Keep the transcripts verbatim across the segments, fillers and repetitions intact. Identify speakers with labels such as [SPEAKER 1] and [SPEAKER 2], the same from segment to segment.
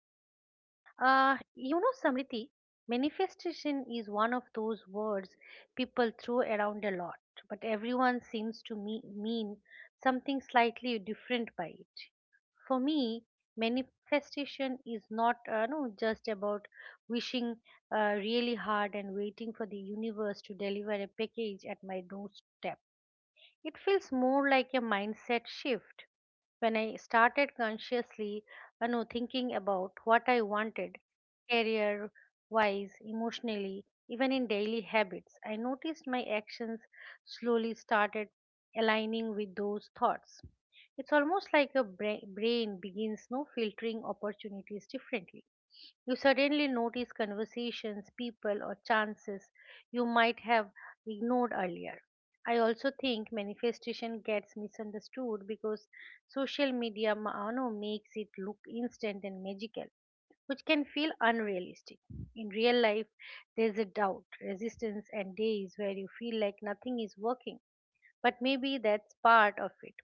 [SPEAKER 1] Uh, you know, Samriti, manifestation is one of those words people throw around a lot, but everyone seems to me- mean something slightly different by it. For me, manifestation is not uh, no, just about wishing uh, really hard and waiting for the universe to deliver a package at my doorstep. It feels more like a mindset shift. When I started consciously, you know, thinking about what I wanted, career wise, emotionally, even in daily habits, I noticed my actions slowly started aligning with those thoughts. It's almost like your bra- brain begins no filtering opportunities differently. You suddenly notice conversations, people, or chances you might have ignored earlier. I also think manifestation gets misunderstood because social media ma- you know, makes it look instant and magical, which can feel unrealistic. In real life, there's a doubt, resistance, and days where you feel like nothing is working. But maybe that's part of it,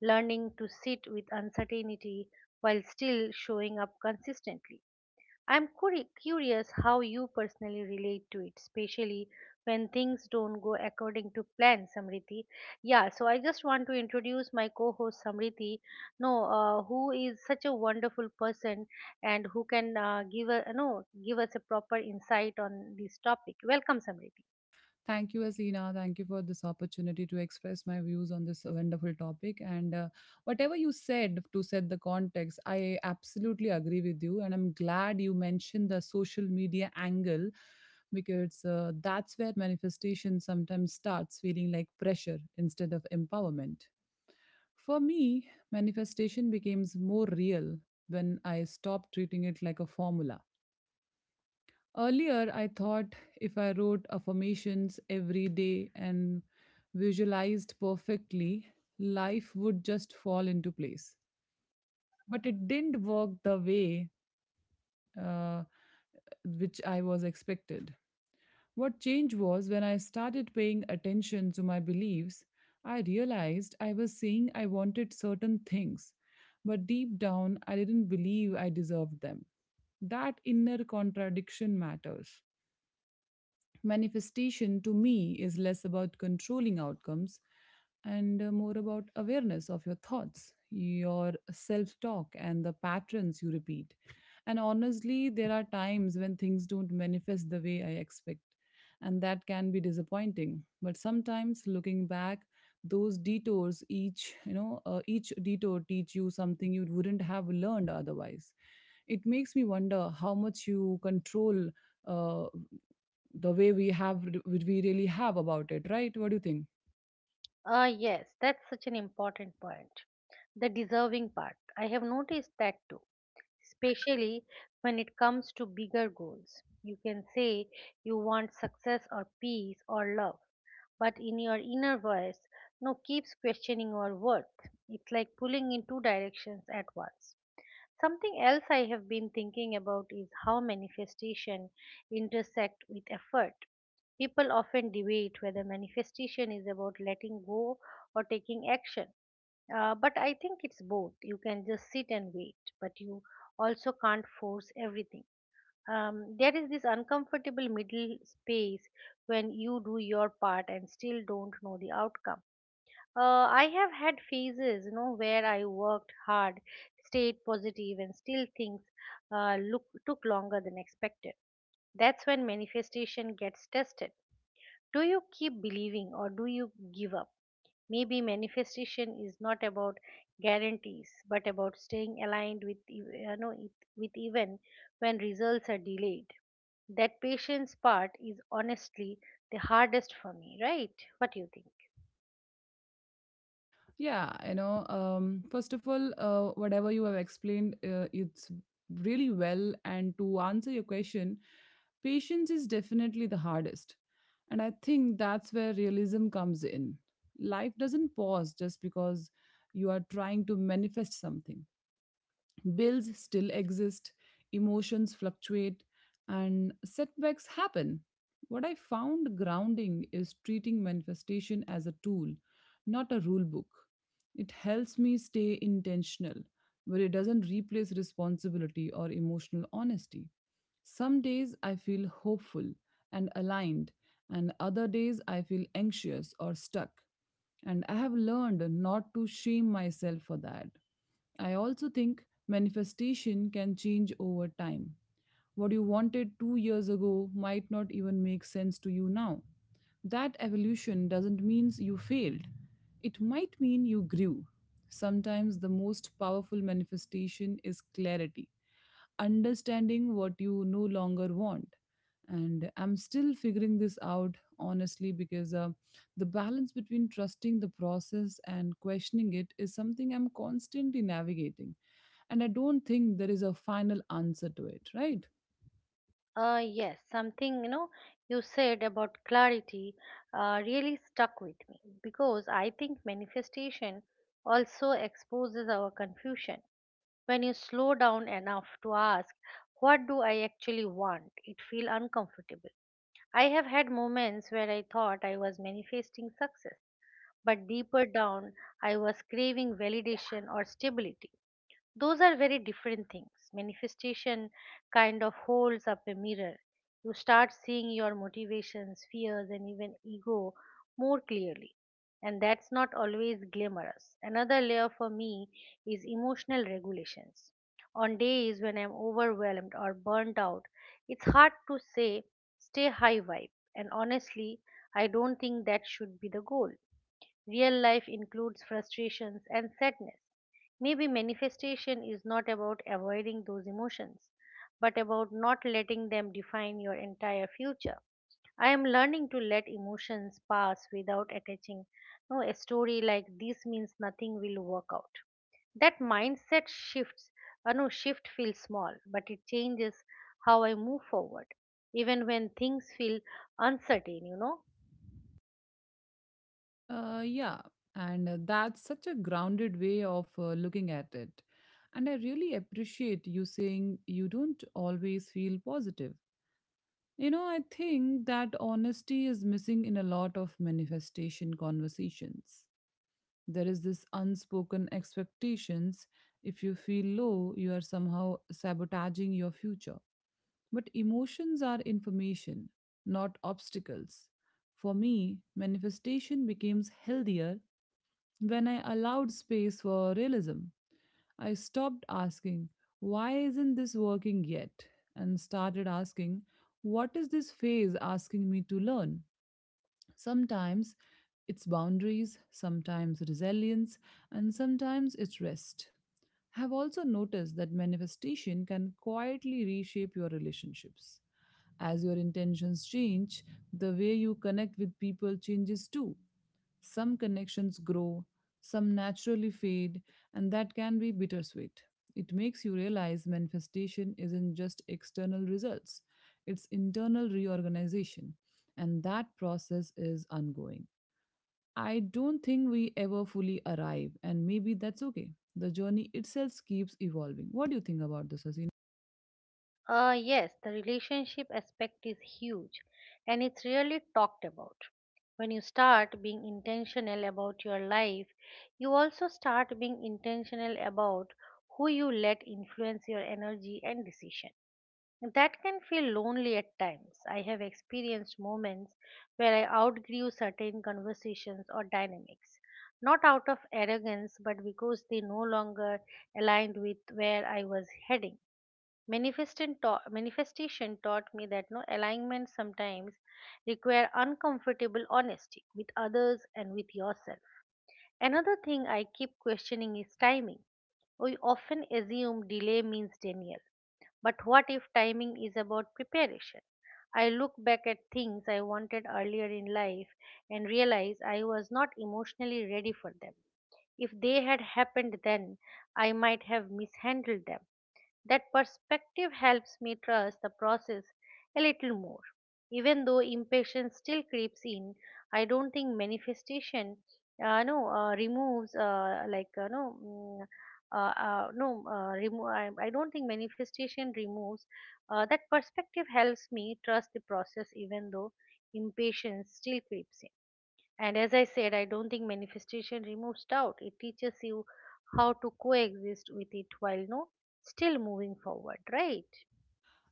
[SPEAKER 1] learning to sit with uncertainty while still showing up consistently. I'm curi- curious how you personally relate to it, especially when things don't go according to plan, Samriti. Yeah, so I just want to introduce my co-host Samriti, no, uh, who is such a wonderful person and who can uh, give a no give us a proper insight on this topic. Welcome, Samriti.
[SPEAKER 2] Thank you, Asina. Thank you for this opportunity to express my views on this wonderful topic. And uh, Whatever you said to set the context, I absolutely agree with you. And I'm glad you mentioned the social media angle because uh, that's where manifestation sometimes starts feeling like pressure instead of empowerment. For me, manifestation becomes more real when I stopped treating it like a formula. Earlier, I thought if I wrote affirmations every day and visualized perfectly, life would just fall into place. But it didn't work the way uh, which I was expected. What changed was when I started paying attention to my beliefs, I realized I was saying I wanted certain things, but deep down, I didn't believe I deserved them. That inner contradiction matters. Manifestation to me is less about controlling outcomes and uh, more about awareness of your thoughts, your self talk, and the patterns you repeat. And honestly, there are times when things don't manifest the way I expect, and that can be disappointing. But sometimes looking back, those detours each you know uh, each detour teach you something you wouldn't have learned otherwise. It makes me wonder how much you control uh, the way we have we really have about it, right? What do you think?
[SPEAKER 1] Uh, yes, that's such an important point. The deserving part. I have noticed that too, especially when it comes to bigger goals. You can say you want success or peace or love, but in your inner voice, no keeps questioning your worth. It's like pulling in two directions at once. Something else I have been thinking about is how manifestation intersect with effort. People often debate whether manifestation is about letting go or taking action, uh, but I think it's both. You can just sit and wait, but you also can't force everything. Um, there is this uncomfortable middle space when you do your part and still don't know the outcome. Uh, I have had phases, you know, where I worked hard, stayed positive, and still things uh, look took longer than expected. That's when manifestation gets tested. Do you keep believing or do you give up? Maybe manifestation is not about guarantees, but about staying aligned with ev- you know it- with even when results are delayed. That patience part is honestly the hardest for me, right? What do you think?
[SPEAKER 2] yeah you know um, first of all uh, whatever you have explained uh, it's really well. And to answer your question, patience is definitely the hardest, and I think that's where realism comes in. Life doesn't pause just because you are trying to manifest something. Bills still exist, emotions fluctuate, and setbacks happen. What I found grounding is treating manifestation as a tool, not a rule book. It helps me stay intentional, but it doesn't replace responsibility or emotional honesty. Some days I feel hopeful and aligned, and other days I feel anxious or stuck. And I have learned not to shame myself for that. I also think manifestation can change over time. What you wanted two years ago might not even make sense to you now. That evolution doesn't mean you failed, it might mean you grew. Sometimes the most powerful manifestation is clarity, understanding what you no longer want. And I'm still figuring this out, honestly, because uh, the balance between trusting the process and questioning it is something I'm constantly navigating. And I don't think there is a final answer to it, right?
[SPEAKER 1] Uh, yes, something you know you said about clarity uh, really stuck with me because I think manifestation also exposes our confusion. When you slow down enough to ask, what do I actually want? It feels uncomfortable. I have had moments where I thought I was manifesting success, but deeper down, I was craving validation or stability. Those are very different things. Manifestation kind of holds up a mirror. You start seeing your motivations, fears, and even ego more clearly. And that's not always glamorous. Another layer for me is emotional regulations. On days when I'm overwhelmed or burnt out, it's hard to say stay high vibe. And honestly, I don't think that should be the goal. Real life includes frustrations and sadness. Maybe manifestation is not about avoiding those emotions, but about not letting them define your entire future. I am learning to let emotions pass without attaching no, a story like this means nothing will work out. That mindset shifts, uh, no, shift feels small, but it changes how I move forward, even when things feel uncertain, you know.
[SPEAKER 2] Uh, yeah. And uh, that's such a grounded way of uh, looking at it. And I really appreciate you saying you don't always feel positive. You know, I think that honesty is missing in a lot of manifestation conversations. There is this unspoken expectations, if you feel low, you are somehow sabotaging your future. But emotions are information, not obstacles. For me, manifestation becomes healthier when I allowed space for realism. I stopped asking, why isn't this working yet? And started asking, what is this phase asking me to learn? Sometimes it's boundaries, sometimes resilience, and sometimes it's rest. I have also noticed that manifestation can quietly reshape your relationships. As your intentions change, the way you connect with people changes too. Some connections grow, some naturally fade, and that can be bittersweet. It makes you realize manifestation isn't just external results, it's internal reorganization, and that process is ongoing. I don't think we ever fully arrive, and maybe that's okay. The journey itself keeps evolving. What do you think about this, Hasina?
[SPEAKER 1] Uh, yes, the relationship aspect is huge and it's really talked about. When you start being intentional about your life, you also start being intentional about who you let influence your energy and decision. That can feel lonely at times. I have experienced moments where I outgrew certain conversations or dynamics, not out of arrogance, but because they no longer aligned with where I was heading. Manifestation taught, manifestation taught me that no alignment sometimes require uncomfortable honesty with others and with yourself. Another thing I keep questioning is timing. We often assume delay means denial. But what if timing is about preparation? I look back at things I wanted earlier in life and realize I was not emotionally ready for them. If they had happened then, I might have mishandled them. That perspective helps me trust the process a little more. Even though impatience still creeps in, I don't think manifestation uh, no uh, removes uh, like uh, no mm, uh, uh, no uh, remo- I, I don't think manifestation removes uh, that perspective helps me trust the process even though impatience still creeps in. And as I said, I don't think manifestation removes doubt. It teaches you how to coexist with it while no still moving forward, right?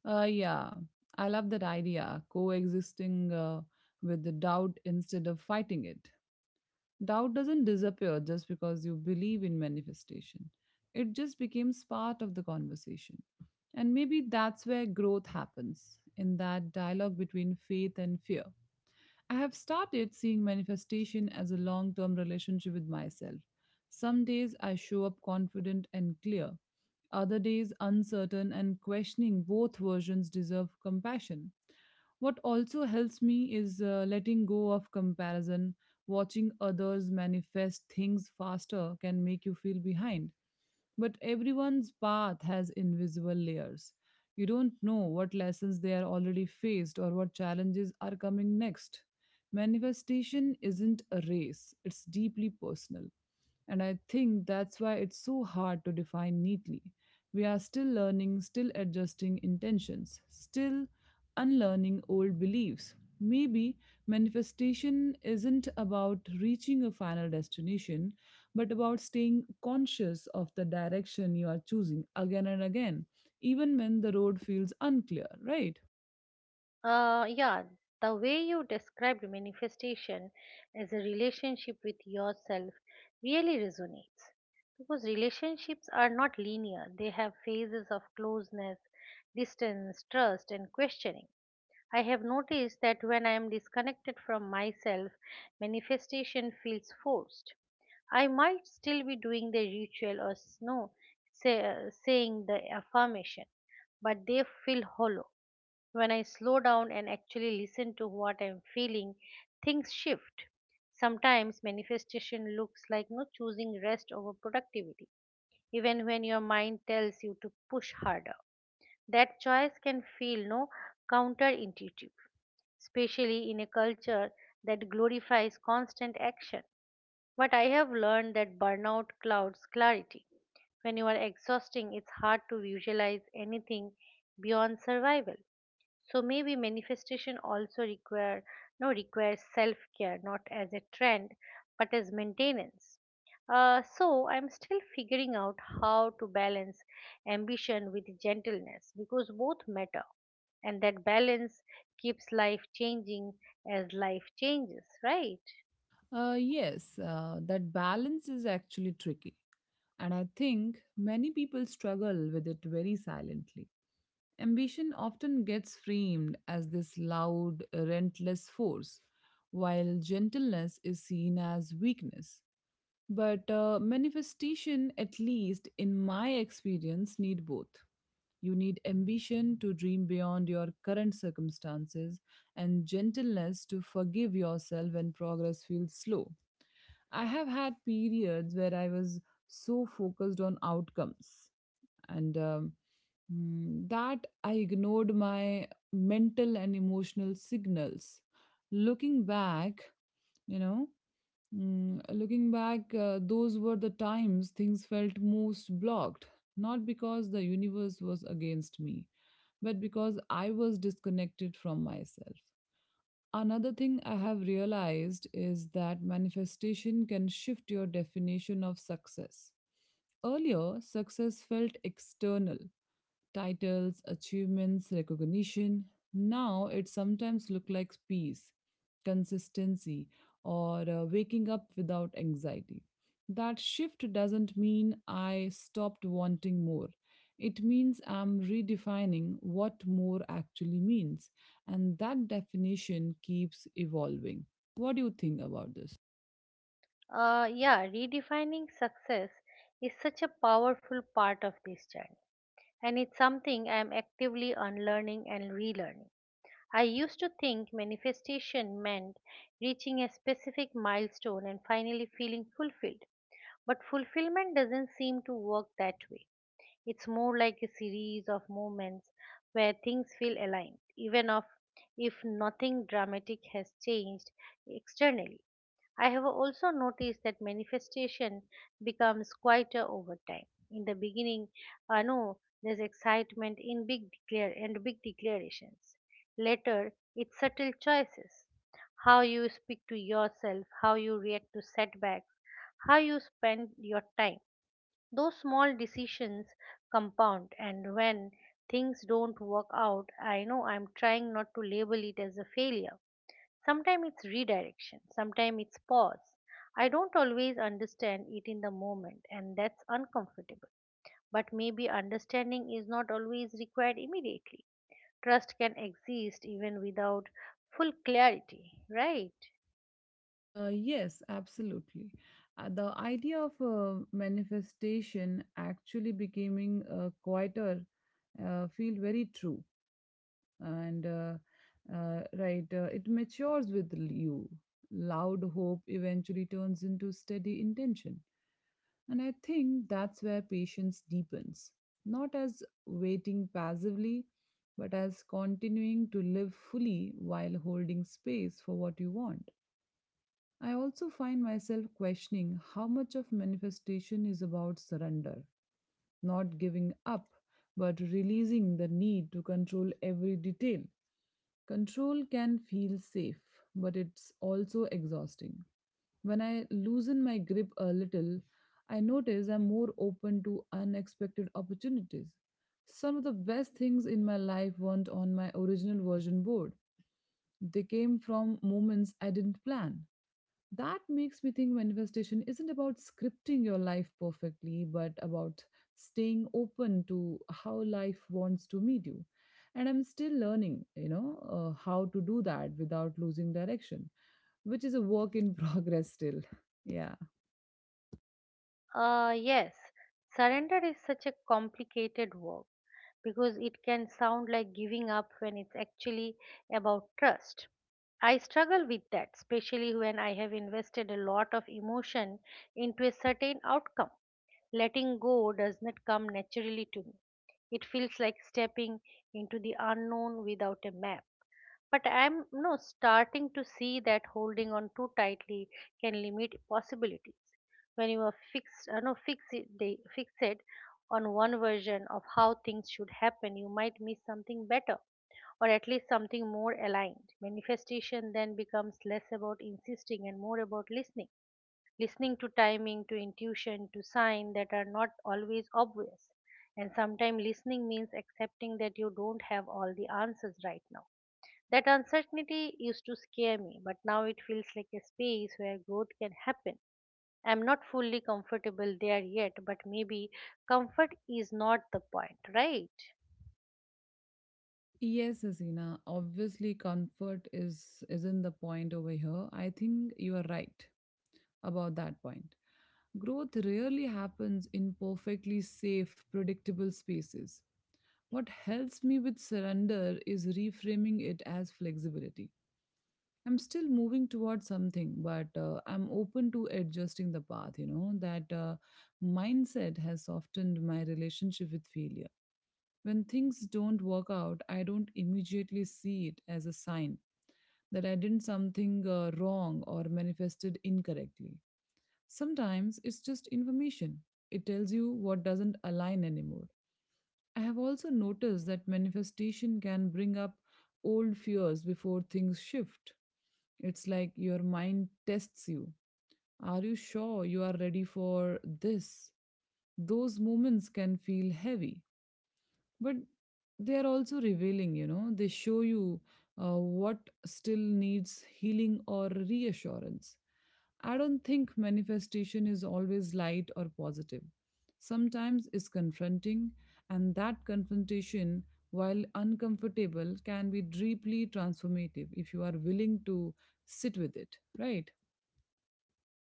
[SPEAKER 2] Uh, yeah, I love that idea, coexisting uh, with the doubt instead of fighting it. Doubt doesn't disappear just because you believe in manifestation. It just becomes part of the conversation. And maybe that's where growth happens, in that dialogue between faith and fear. I have started seeing manifestation as a long term relationship with myself. Some days I show up confident and clear, other days uncertain and questioning, both versions deserve compassion. What also helps me is uh, letting go of comparison. Watching others manifest things faster can make you feel behind. But everyone's path has invisible layers. You don't know what lessons they are already faced or what challenges are coming next. Manifestation isn't a race, it's deeply personal. And I think that's why it's so hard to define neatly. We are still learning, still adjusting intentions, still unlearning old beliefs. Maybe manifestation isn't about reaching a final destination, but about staying conscious of the direction you are choosing again and again, even when the road feels unclear, right?
[SPEAKER 1] Uh, yeah, the way you described manifestation as a relationship with yourself really resonates because relationships are not linear. They have phases of closeness, distance, trust, and questioning. I have noticed that when I am disconnected from myself, manifestation feels forced. I might still be doing the ritual or s- no, say, saying the affirmation, but they feel hollow. When I slow down and actually listen to what I'm feeling, things shift. Sometimes manifestation looks like no choosing rest over productivity, even when your mind tells you to push harder. That choice can feel no counterintuitive, especially in a culture that glorifies constant action. But I have learned that burnout clouds clarity. When you are exhausting, it's hard to visualize anything beyond survival. So maybe manifestation also require no requires self care, not as a trend, but as maintenance. Uh, so I'm still figuring out how to balance ambition with gentleness because both matter, and that balance keeps life changing as life changes, right?
[SPEAKER 2] Uh, yes, uh, that balance is actually tricky. And I think many people struggle with it very silently. Ambition often gets framed as this loud, relentless force, while gentleness is seen as weakness. But uh, manifestation, at least in my experience, need both. You need ambition to dream beyond your current circumstances and gentleness to forgive yourself when progress feels slow. I have had periods where I was so focused on outcomes and um, mm, that I ignored my mental and emotional signals. Looking back, you know, mm, Looking back, uh, those were the times things felt most blocked, not because the universe was against me, but because I was disconnected from myself. Another thing I have realized is that manifestation can shift your definition of success. Earlier, success felt external, titles, achievements, recognition. Now it sometimes looks like peace, consistency, or uh, waking up without anxiety. That shift doesn't mean I stopped wanting more. It means I'm redefining what more actually means, and that definition keeps evolving. What do you think about this?
[SPEAKER 1] Uh, yeah, redefining success is such a powerful part of this journey, and it's something I'm actively unlearning and relearning. I used to think manifestation meant reaching a specific milestone and finally feeling fulfilled, but fulfillment doesn't seem to work that way. It's more like a series of moments where things feel aligned, even of if nothing dramatic has changed externally. I have also noticed that manifestation becomes quieter over time. In the beginning, I know there's excitement in big declare and big declarations. Later, it's subtle choices. How you speak to yourself, how you react to setbacks, how you spend your time. Those small decisions compound, and when things don't work out, I know I'm trying not to label it as a failure. Sometimes it's redirection, sometimes it's pause. I don't always understand it in the moment, and that's uncomfortable. But maybe understanding is not always required immediately. Trust can exist even without full clarity, right?
[SPEAKER 2] Uh, yes, absolutely. Uh, the idea of uh, manifestation actually becoming uh, quieter uh, feel very true, and uh, uh, right, uh, it matures with l- you. Loud hope eventually turns into steady intention, and I think that's where patience deepens, not as waiting passively, but as continuing to live fully while holding space for what you want. I also find myself questioning how much of manifestation is about surrender, not giving up, but releasing the need to control every detail. Control can feel safe, but it's also exhausting. When I loosen my grip a little, I notice I'm more open to unexpected opportunities. Some of the best things in my life weren't on my original version board. They came from moments I didn't plan. That makes me think manifestation isn't about scripting your life perfectly, but about staying open to how life wants to meet you. And I'm still learning, you know, uh, how to do that without losing direction, which is a work in progress still. Yeah.
[SPEAKER 1] Uh, yes, surrender is such a complicated word because it can sound like giving up when it's actually about trust. I struggle with that, especially when I have invested a lot of emotion into a certain outcome. Letting go does not come naturally to me. It feels like stepping into the unknown without a map. But I'm no starting to see that holding on too tightly can limit possibilities. When you are fixed, uh, no, fix it, they fix it on one version of how things should happen, you might miss something better or at least something more aligned. Manifestation then becomes less about insisting and more about listening. Listening to timing, to intuition, to sign that are not always obvious. And sometimes listening means accepting that you don't have all the answers right now. That uncertainty used to scare me, but now it feels like a space where growth can happen. I'm not fully comfortable there yet, but maybe comfort is not the point, right?
[SPEAKER 2] Yes, Asina. Obviously, comfort is isn't the point over here. I think you are right about that point. Growth rarely happens in perfectly safe, predictable spaces. What helps me with surrender is reframing it as flexibility. I'm still moving towards something, but uh, I'm open to adjusting the path. You know, that uh, mindset has softened my relationship with failure. When things don't work out, I don't immediately see it as a sign that I did something uh, wrong or manifested incorrectly. Sometimes it's just information, it tells you what doesn't align anymore. I have also noticed that manifestation can bring up old fears before things shift. It's like your mind tests you. Are you sure you are ready for this? Those moments can feel heavy, but they are also revealing, you know, they show you uh, what still needs healing or reassurance. I don't think manifestation is always light or positive. Sometimes it's confronting, and that confrontation, while uncomfortable, can be deeply transformative if you are willing to sit with it, right?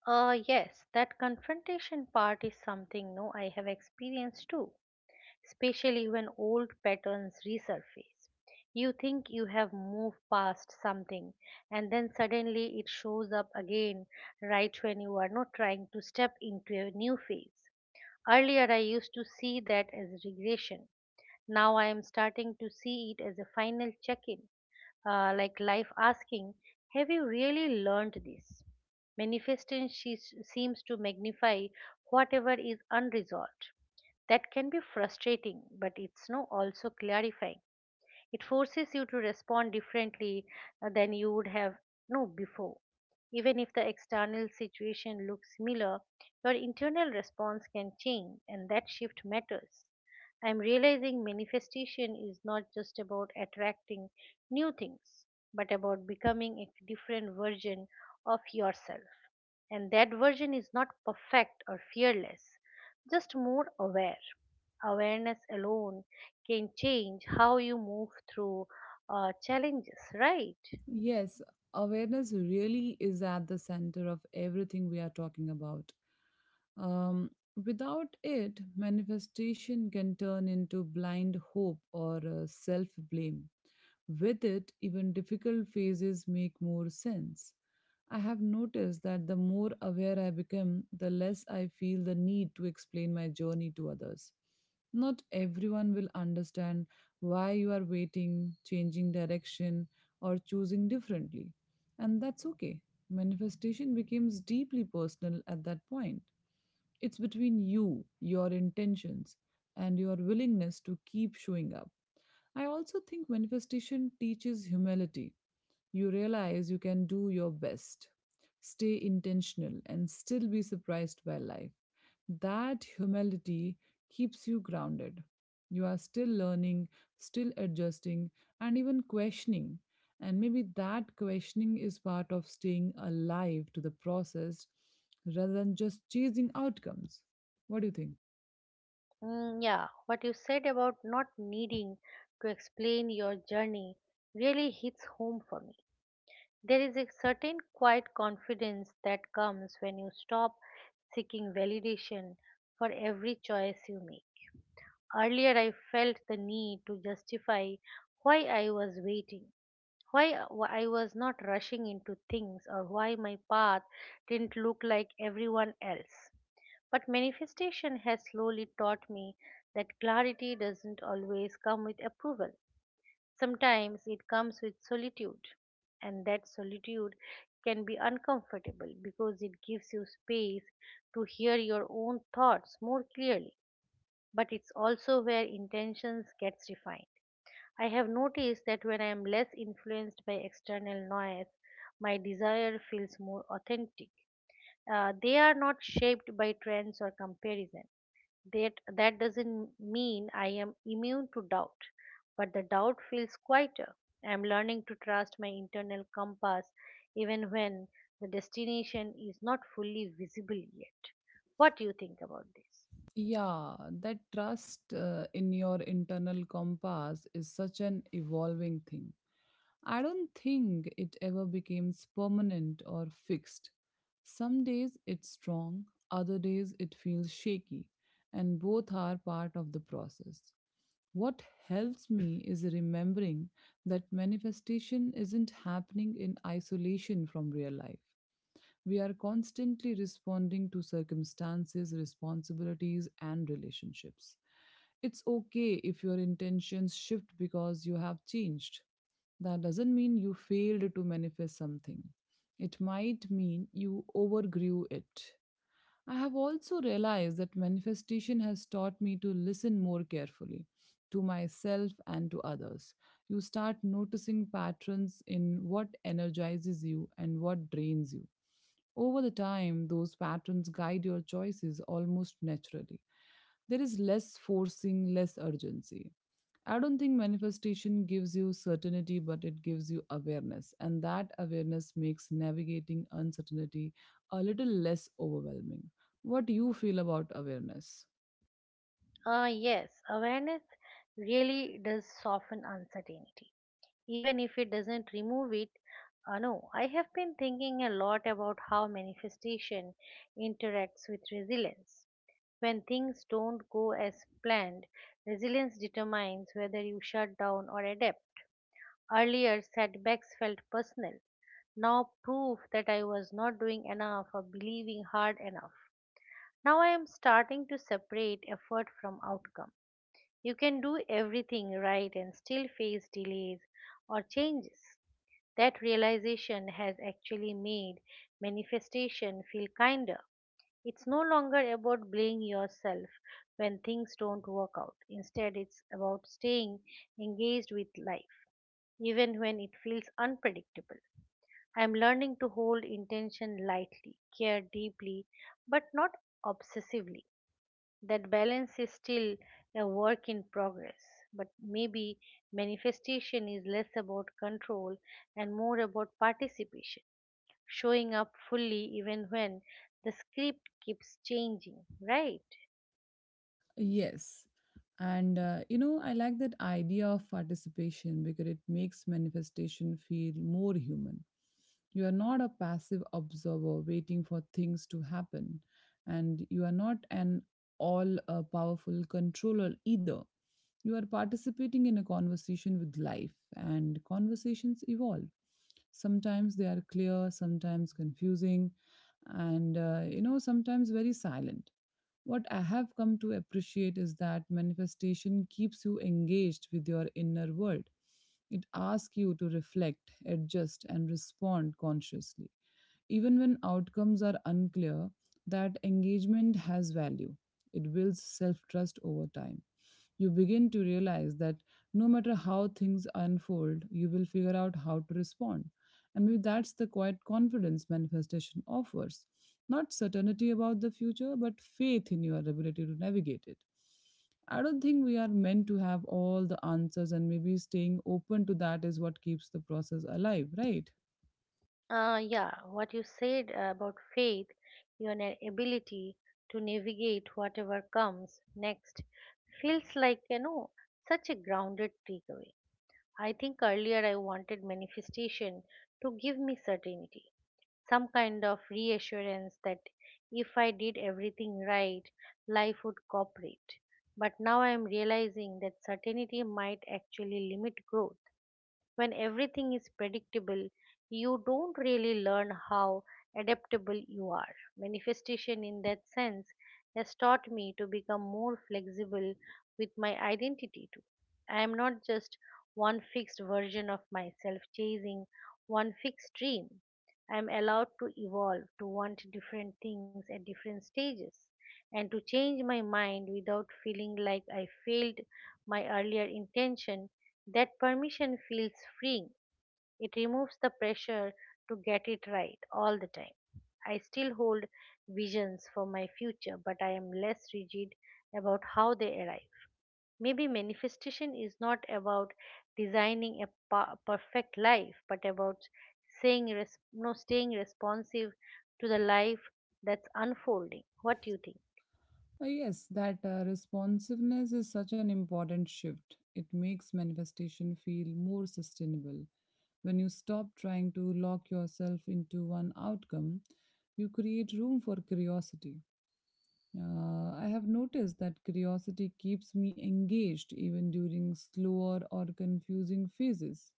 [SPEAKER 1] Uh, yes, that confrontation part is something no I have experienced too, especially when old patterns resurface. You think you have moved past something, and then suddenly it shows up again right when you are not trying to step into a new phase. Earlier, I used to see that as regression. Now I am starting to see it as a final check in, uh, like life asking, have you really learned this? Manifestation she- seems to magnify whatever is unresolved. That can be frustrating, but it's no also clarifying. It forces you to respond differently uh, than you would have no before. Even if the external situation looks similar, your internal response can change, and that shift matters. I'm realizing manifestation is not just about attracting new things, but about becoming a different version of yourself. And that version is not perfect or fearless, just more aware. Awareness alone can change how you move through uh, challenges, right?
[SPEAKER 2] Yes, awareness really is at the center of everything we are talking about. Um, Without it, manifestation can turn into blind hope or self blame. With it, even difficult phases make more sense. I have noticed that the more aware I become, the less I feel the need to explain my journey to others. Not everyone will understand why you are waiting, changing direction, or choosing differently. And that's okay. Manifestation becomes deeply personal at that point. It's between you, your intentions, and your willingness to keep showing up. I also think manifestation teaches humility. You realize you can do your best, stay intentional, and still be surprised by life. That humility keeps you grounded. You are still learning, still adjusting, and even questioning. And maybe that questioning is part of staying alive to the process rather than just chasing outcomes. What do you think?
[SPEAKER 1] Mm, yeah, what you said about not needing to explain your journey really hits home for me. There is a certain quiet confidence that comes when you stop seeking validation for every choice you make. Earlier, I felt the need to justify why I was waiting, why I was not rushing into things, or why my path didn't look like everyone else. But manifestation has slowly taught me that clarity doesn't always come with approval. Sometimes it comes with solitude, and that solitude can be uncomfortable because it gives you space to hear your own thoughts more clearly, but it's also where intentions gets refined. I have noticed that when I am less influenced by external noise, my desire feels more authentic. Uh, they are not shaped by trends or comparison. That that doesn't mean I am immune to doubt, but the doubt feels quieter. I am learning to trust my internal compass even when the destination is not fully visible yet. What do you think about this?
[SPEAKER 2] Yeah, that trust uh, in your internal compass is such an evolving thing. I don't think it ever becomes permanent or fixed. Some days it's strong, other days it feels shaky, and both are part of the process. What helps me is remembering that manifestation isn't happening in isolation from real life. We are constantly responding to circumstances, responsibilities, and relationships. It's okay if your intentions shift because you have changed. That doesn't mean you failed to manifest something, it might mean you overgrew it. I have also realized that manifestation has taught me to listen more carefully to myself and to others. You start noticing patterns in what energizes you and what drains you over the time, those patterns guide your choices almost naturally. There is less forcing, less urgency. I don't think manifestation gives you certainty, but it gives you awareness. And that awareness makes navigating uncertainty a little less overwhelming. What do you feel about awareness?
[SPEAKER 1] Uh, yes, awareness really does soften uncertainty, even if it doesn't remove it. Uh, no, I have been thinking a lot about how manifestation interacts with resilience. When things don't go as planned, resilience determines whether you shut down or adapt. Earlier, setbacks felt personal, now proof that I was not doing enough or believing hard enough. Now I am starting to separate effort from outcome. You can do everything right and still face delays or changes. That realization has actually made manifestation feel kinder. It's no longer about blaming yourself when things don't work out. Instead, it's about staying engaged with life, even when it feels unpredictable. I'm learning to hold intention lightly, care deeply, but not obsessively. That balance is still a work in progress, but maybe manifestation is less about control and more about participation, showing up fully even when the script keeps changing, right?
[SPEAKER 2] Yes. And uh, you know, I like that idea of participation because it makes manifestation feel more human. You are not a passive observer waiting for things to happen, and you are not an all uh, powerful controller either. You are participating in a conversation with life, and conversations evolve. Sometimes they are clear, sometimes confusing, and uh, you know, sometimes very silent. What I have come to appreciate is that manifestation keeps you engaged with your inner world. It asks you to reflect, adjust, and respond consciously. Even when outcomes are unclear, that engagement has value. It builds self trust over time. You begin to realize that no matter how things unfold, you will figure out how to respond. And maybe that's the quiet confidence manifestation offers. Not certainty about the future, but faith in your ability to navigate it. I don't think we are meant to have all the answers, and maybe staying open to that is what keeps the process alive, right?
[SPEAKER 1] Uh, yeah, what you said about faith, your na- ability to navigate whatever comes next, feels like you know such a grounded takeaway. I think earlier I wanted manifestation to give me certainty, some kind of reassurance that if I did everything right, life would cooperate. But now I am realizing that certainty might actually limit growth. When everything is predictable, you don't really learn how adaptable you are. Manifestation, in that sense, has taught me to become more flexible with my identity too. I am not just one fixed version of myself chasing one fixed dream. I am allowed to evolve, to want different things at different stages, and to change my mind without feeling like I failed my earlier intention. That permission feels freeing. It removes the pressure to get it right all the time. I still hold visions for my future, but I am less rigid about how they arrive. Maybe manifestation is not about designing a pa- perfect life, but about saying res- no, staying responsive to the life that's unfolding. What do you think?
[SPEAKER 2] Uh, yes, that uh, responsiveness is such an important shift. It makes manifestation feel more sustainable. When you stop trying to lock yourself into one outcome, you create room for curiosity. Uh, I have noticed that curiosity keeps me engaged even during slower or confusing phases.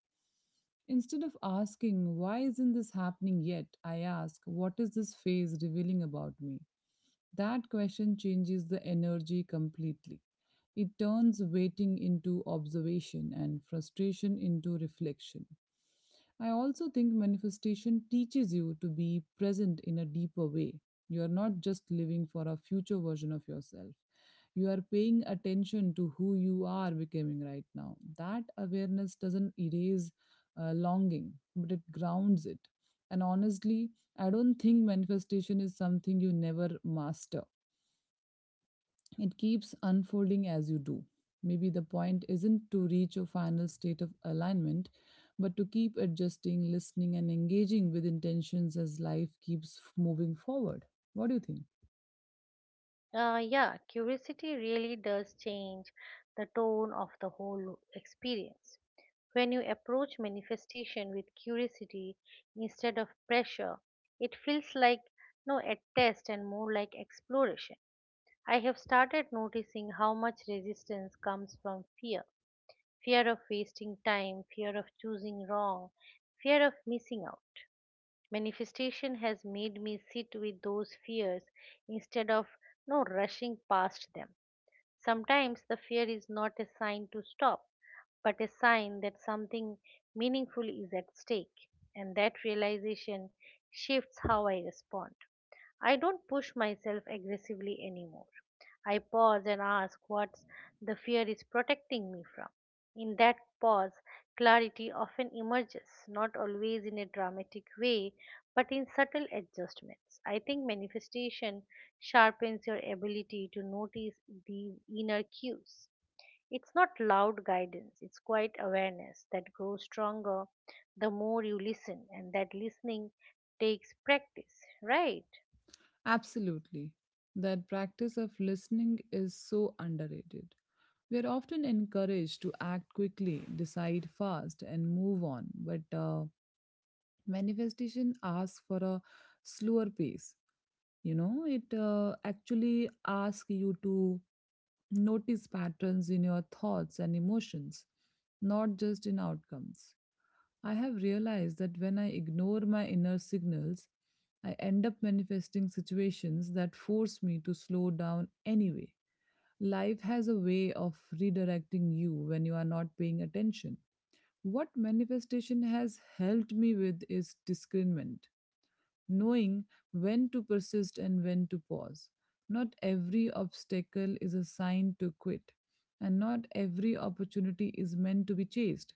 [SPEAKER 2] Instead of asking, why isn't this happening yet, I ask, what is this phase revealing about me? That question changes the energy completely. It turns waiting into observation and frustration into reflection. I also think manifestation teaches you to be present in a deeper way. You are not just living for a future version of yourself. You are paying attention to who you are becoming right now. That awareness doesn't erase uh, longing, but it grounds it. And honestly, I don't think manifestation is something you never master. It keeps unfolding as you do. Maybe the point isn't to reach your final state of alignment, but to keep adjusting, listening, and engaging with intentions as life keeps f- moving forward. What do you think?
[SPEAKER 1] Uh, yeah, curiosity really does change the tone of the whole experience. When you approach manifestation with curiosity instead of pressure, it feels like no a test and more like exploration. I have started noticing how much resistance comes from fear: fear of wasting time, fear of choosing wrong, fear of missing out. Manifestation has made me sit with those fears instead of no rushing past them. Sometimes the fear is not a sign to stop, but a sign that something meaningful is at stake, and that realization shifts how I respond. I don't push myself aggressively anymore. I pause and ask what the fear is protecting me from. In that pause, clarity often emerges, not always in a dramatic way, but in subtle adjustments. I think manifestation sharpens your ability to notice these inner cues. It's not loud guidance, it's quiet awareness that grows stronger the more you listen, and that listening takes practice, right?
[SPEAKER 2] Absolutely. That practice of listening is so underrated. We are often encouraged to act quickly, decide fast, and move on, but uh, manifestation asks for a slower pace. You know, it uh, actually asks you to notice patterns in your thoughts and emotions, not just in outcomes. I have realized that when I ignore my inner signals, I end up manifesting situations that force me to slow down anyway. Life has a way of redirecting you when you are not paying attention. What manifestation has helped me with is discernment knowing when to persist and when to pause. Not every obstacle is a sign to quit, and not every opportunity is meant to be chased.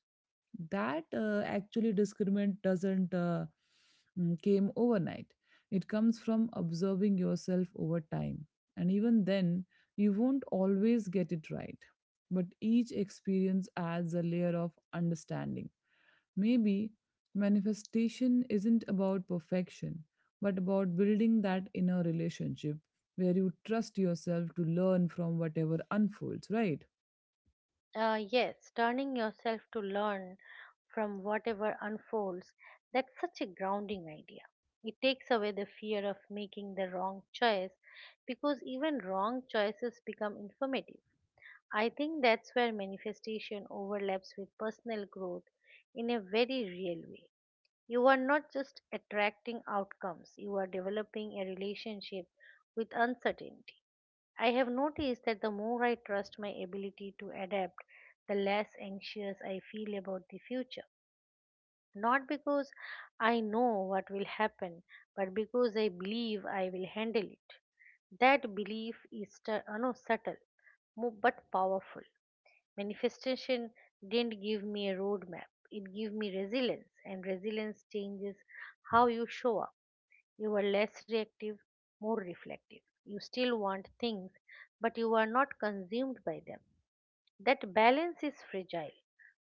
[SPEAKER 2] That uh, actually discernment doesn't uh, mm, came overnight. It comes from observing yourself over time, and even then, you won't always get it right. But each experience adds a layer of understanding. Maybe manifestation isn't about perfection, but about building that inner relationship where you trust yourself to learn from whatever unfolds, right?
[SPEAKER 1] Uh, yes, turning yourself to learn from whatever unfolds, that's such a grounding idea. It takes away the fear of making the wrong choice because even wrong choices become informative. I think that's where manifestation overlaps with personal growth in a very real way. You are not just attracting outcomes, you are developing a relationship with uncertainty. I have noticed that the more I trust my ability to adapt, the less anxious I feel about the future. Not because I know what will happen, but because I believe I will handle it. That belief is stu- uh, no, subtle, mo- but powerful. Manifestation didn't give me a roadmap. It gave me resilience, and resilience changes how you show up. You are less reactive, more reflective. You still want things, but you are not consumed by them. That balance is fragile,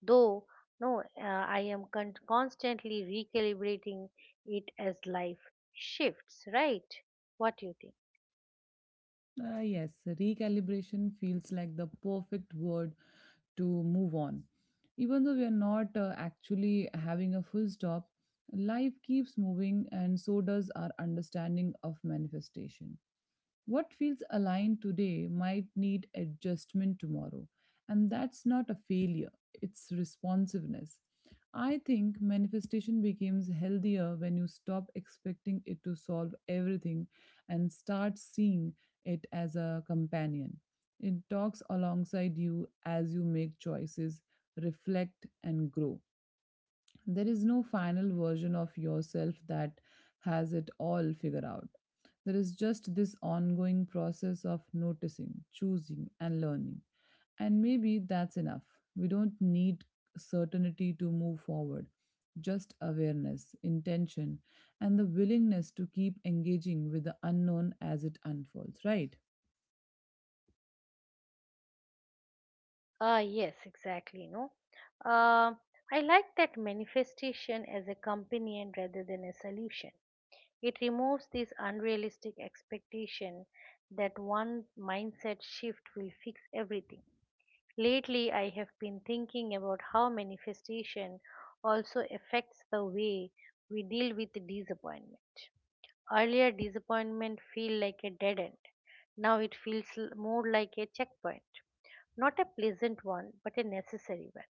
[SPEAKER 1] though. No, uh, I am con- constantly recalibrating it as life shifts. Right? What do you think?
[SPEAKER 2] Ah, yes, recalibration feels like the perfect word to move on. Even though we are not uh, actually having a full stop, life keeps moving, and so does our understanding of manifestation. What feels aligned today might need adjustment tomorrow, and that's not a failure, it's responsiveness. I think manifestation becomes healthier when you stop expecting it to solve everything and start seeing it as a companion. It talks alongside you as you make choices, reflect, and grow. There is no final version of yourself that has it all figured out. There is just this ongoing process of noticing, choosing, and learning. And maybe that's enough. We don't need certainty to move forward, just awareness, intention, and the willingness to keep engaging with the unknown as it unfolds, right?
[SPEAKER 1] Ah, yes, exactly. No, uh, I like that manifestation as a companion rather than a solution. It removes this unrealistic expectation that one mindset shift will fix everything. Lately, I have been thinking about how manifestation also affects the way we deal with disappointment. Earlier, disappointment feel like a dead end. Now it feels l- more like a checkpoint, not a pleasant one, but a necessary one.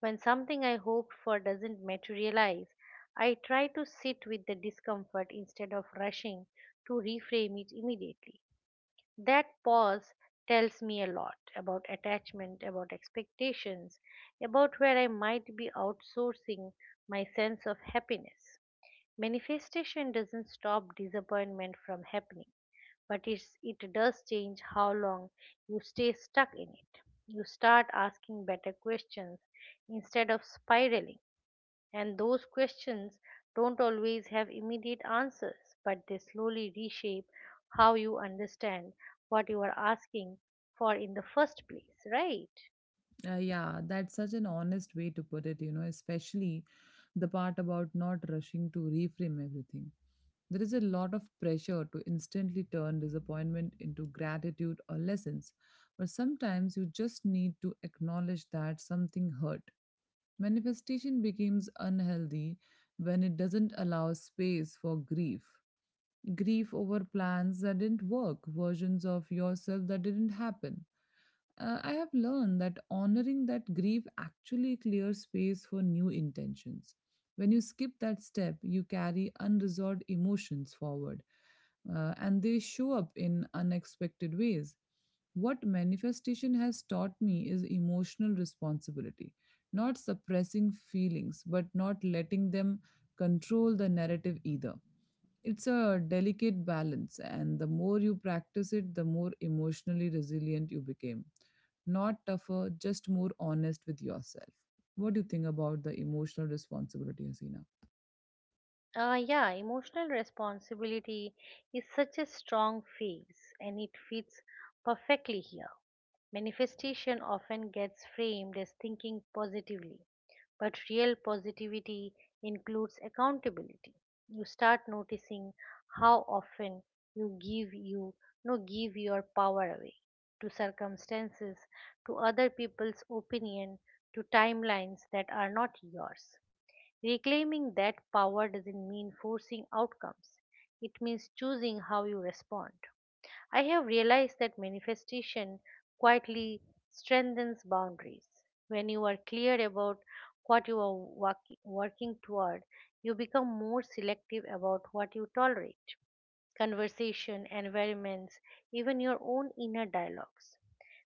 [SPEAKER 1] When something I hoped for doesn't materialize, I try to sit with the discomfort instead of rushing to reframe it immediately. That pause tells me a lot about attachment, about expectations, about where I might be outsourcing my sense of happiness. Manifestation doesn't stop disappointment from happening, but it's, it does change how long you stay stuck in it. You start asking better questions instead of spiraling, and those questions don't always have immediate answers, but they slowly reshape how you understand what you are asking for in the first place, right?
[SPEAKER 2] Uh, yeah, that's such an honest way to put it, you know, especially the part about not rushing to reframe everything. There is a lot of pressure to instantly turn disappointment into gratitude or lessons, but sometimes you just need to acknowledge that something hurt. Manifestation becomes unhealthy when it doesn't allow space for grief grief over plans that didn't work, versions of yourself that didn't happen. Uh, I have learned that honoring that grief actually clears space for new intentions. When you skip that step, you carry unresolved emotions forward, uh, and they show up in unexpected ways. What manifestation has taught me is emotional responsibility, not suppressing feelings, but not letting them control the narrative either. It's a delicate balance, and the more you practice it, the more emotionally resilient you became. Not tougher, just more honest with yourself. What do you think about the emotional responsibility, Hasina?
[SPEAKER 1] Uh, yeah, emotional responsibility is such a strong phase, and it fits perfectly here. Manifestation often gets framed as thinking positively, but real positivity includes accountability. You start noticing how often you give you no give your power away to circumstances, to other people's opinion, to timelines that are not yours. Reclaiming that power doesn't mean forcing outcomes, it means choosing how you respond. I have realized that manifestation quietly strengthens boundaries. When you are clear about what you are work- working toward, you become more selective about what you tolerate. Conversation, environments, even your own inner dialogues.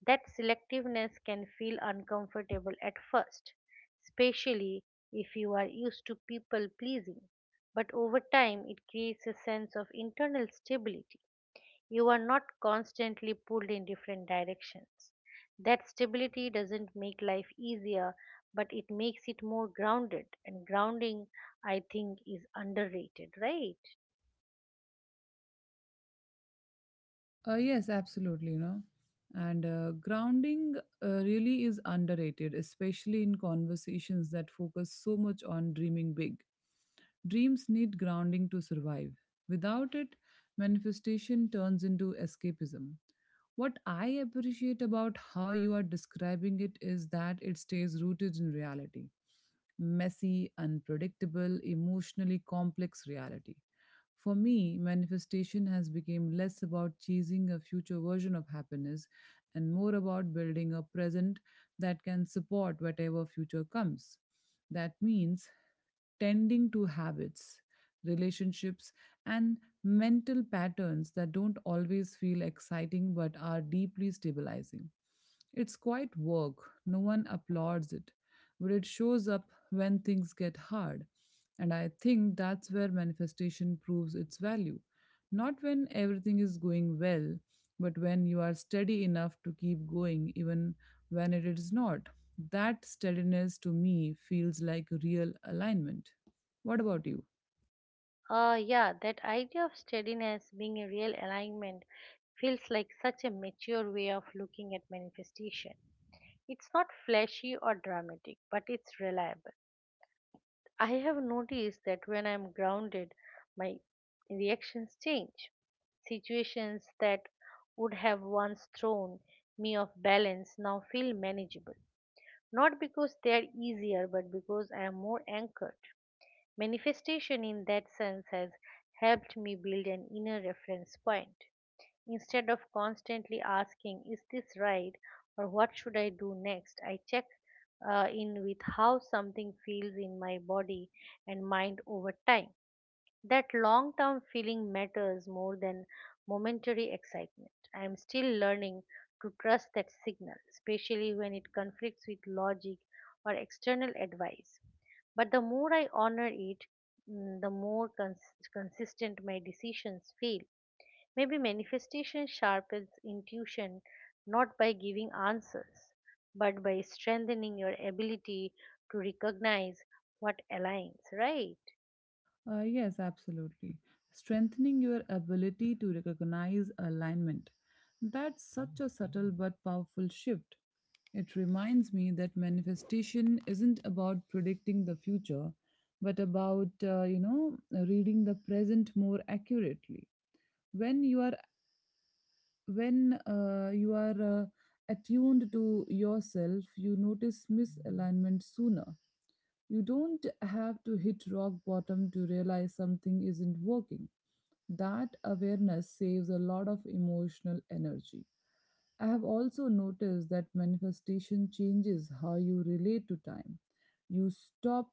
[SPEAKER 1] That selectiveness can feel uncomfortable at first, especially if you are used to people pleasing, but over time it creates a sense of internal stability. You are not constantly pulled in different directions. That stability doesn't make life easier, but it makes it more grounded, and grounding, I think, is underrated, right?
[SPEAKER 2] Uh, yes, absolutely. You know, and uh, grounding uh, really is underrated, especially in conversations that focus so much on dreaming big. Dreams need grounding to survive. Without it, manifestation turns into escapism. What I appreciate about how you are describing it is that it stays rooted in reality messy, unpredictable, emotionally complex reality. For me, manifestation has become less about chasing a future version of happiness and more about building a present that can support whatever future comes. That means tending to habits, relationships, and mental patterns that don't always feel exciting but are deeply stabilizing. It's quite work, no one applauds it, but it shows up when things get hard. And I think that's where manifestation proves its value. Not when everything is going well, but when you are steady enough to keep going even when it is not. That steadiness to me feels like real alignment. What about you?
[SPEAKER 1] Uh, yeah, that idea of steadiness being a real alignment feels like such a mature way of looking at manifestation. It's not flashy or dramatic, but it's reliable. I have noticed that when I'm grounded, my reactions change. Situations that would have once thrown me off balance now feel manageable. Not because they are easier, but because I am more anchored. Manifestation, in that sense, has helped me build an inner reference point. Instead of constantly asking, "Is this right?" or "What should I do next?" I check uh, in with how something feels in my body and mind over time. That long term feeling matters more than momentary excitement. I am still learning to trust that signal, especially when it conflicts with logic or external advice. But the more I honor it, mm, the more cons- consistent my decisions feel. Maybe manifestation sharpens intuition not by giving answers, but by strengthening your ability to recognize what aligns, right?
[SPEAKER 2] Uh, yes, absolutely. Strengthening your ability to recognize alignment. That's such a subtle but powerful shift. It reminds me that manifestation isn't about predicting the future, but about, uh, you know, reading the present more accurately. When you are when uh, you are uh, attuned to yourself, you notice misalignment sooner. You don't have to hit rock bottom to realize something isn't working that awareness saves a lot of emotional energy. I have also noticed that manifestation changes how you relate to time. You stop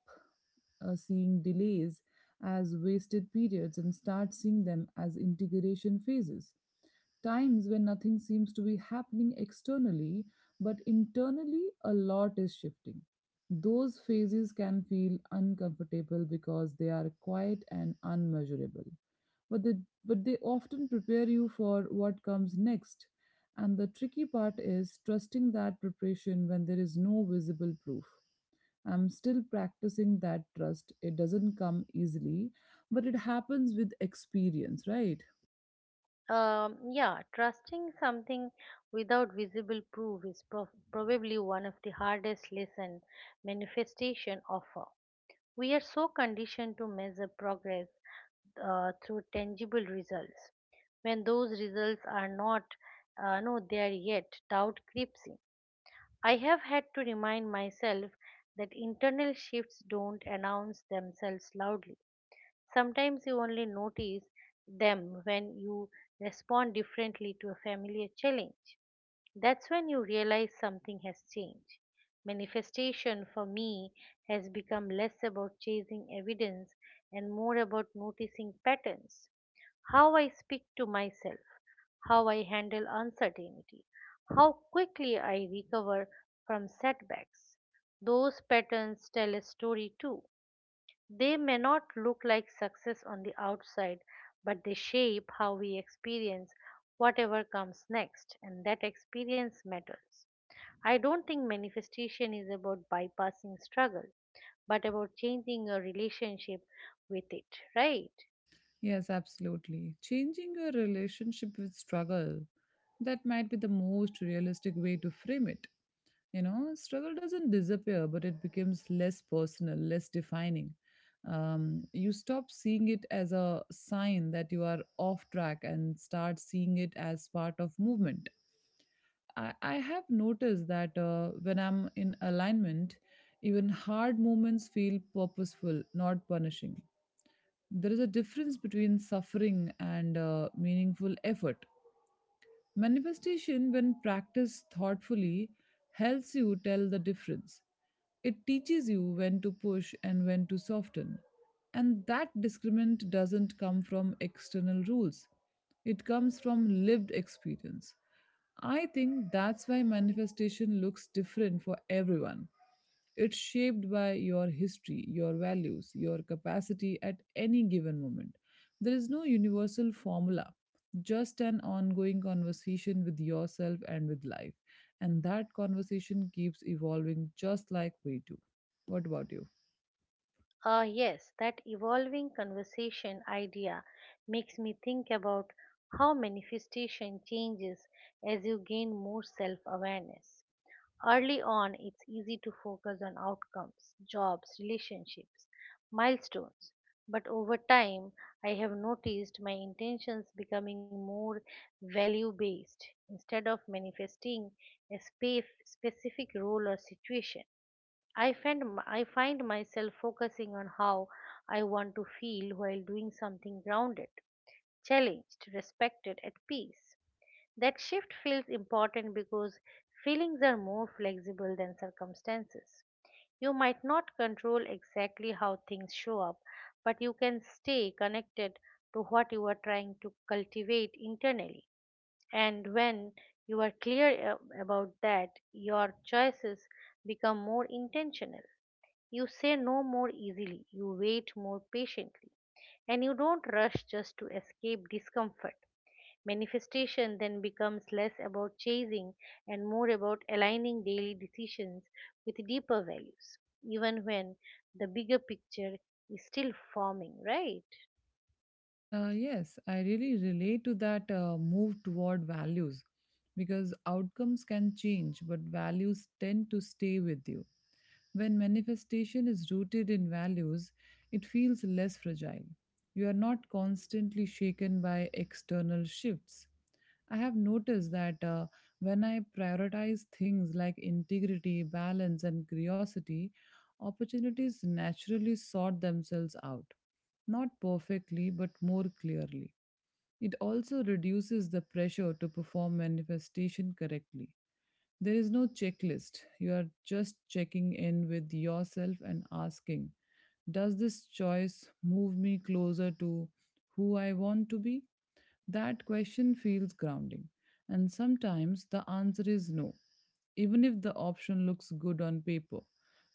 [SPEAKER 2] uh, seeing delays as wasted periods and start seeing them as integration phases times when nothing seems to be happening externally, but internally a lot is shifting. Those phases can feel uncomfortable because they are quiet and unmeasurable. But they, but they often prepare you for what comes next. And the tricky part is trusting that preparation when there is no visible proof. I'm still practicing that trust. It doesn't come easily, but it happens with experience, right?
[SPEAKER 1] Um, yeah, trusting something without visible proof is prob probably one of the hardest lesson manifestation offer. We are so conditioned to measure progress uh, through tangible results. When those results are not uh, no there yet, doubt creeps in. I have had to remind myself that internal shifts don't announce themselves loudly. Sometimes you only notice them when you respond differently to a familiar challenge. That's when you realize something has changed. Manifestation for me has become less about chasing evidence and more about noticing patterns. How I speak to myself, how I handle uncertainty, how quickly I recover from setbacks. Those patterns tell a story too. They may not look like success on the outside, but they shape how we experience whatever comes next, and that experience matters. I don't think manifestation is about bypassing struggle, but about changing your relationship with it, right?
[SPEAKER 2] Yes, absolutely. Changing your relationship with struggle. That might be the most realistic way to frame it. You know, struggle doesn't disappear, but it becomes less personal, less defining. Um, you stop seeing it as a sign that you are off track and start seeing it as part of movement. I, I have noticed that uh, when I'm in alignment, even hard moments feel purposeful, not punishing there is a difference between suffering and uh, meaningful effort. Manifestation, when practiced thoughtfully, helps you tell the difference. It teaches you when to push and when to soften. And that discernment doesn't come from external rules, it comes from lived experience. I think that's why manifestation looks different for everyone. It's shaped by your history, your values, your capacity at any given moment. There is no universal formula, just an ongoing conversation with yourself and with life. And that conversation keeps evolving just like we do. What about you?
[SPEAKER 1] Uh, yes, that evolving conversation idea makes me think about how manifestation changes as you gain more self awareness. Early on, it's easy to focus on outcomes, jobs, relationships, milestones. But over time, I have noticed my intentions becoming more value based instead of manifesting a spa- specific role or situation. I find, m- I find myself focusing on how I want to feel while doing something grounded, challenged, respected, at peace. That shift feels important because feelings are more flexible than circumstances. You might not control exactly how things show up, but you can stay connected to what you are trying to cultivate internally. And when you are clear a- about that, your choices become more intentional. You say no more easily, you wait more patiently, and you don't rush just to escape discomfort. Manifestation then becomes less about chasing and more about aligning daily decisions with deeper values, even when the bigger picture is still forming, right?
[SPEAKER 2] Uh, yes, I really relate to that uh, move toward values because outcomes can change, but values tend to stay with you. When manifestation is rooted in values, it feels less fragile. You are not constantly shaken by external shifts. I have noticed that uh, when I prioritize things like integrity, balance, and curiosity, opportunities naturally sort themselves out. Not perfectly, but more clearly. It also reduces the pressure to perform manifestation correctly there is no checklist. You are just checking in with yourself and asking, does this choice move me closer to who I want to be? That question feels grounding. And sometimes the answer is no, even if the option looks good on paper.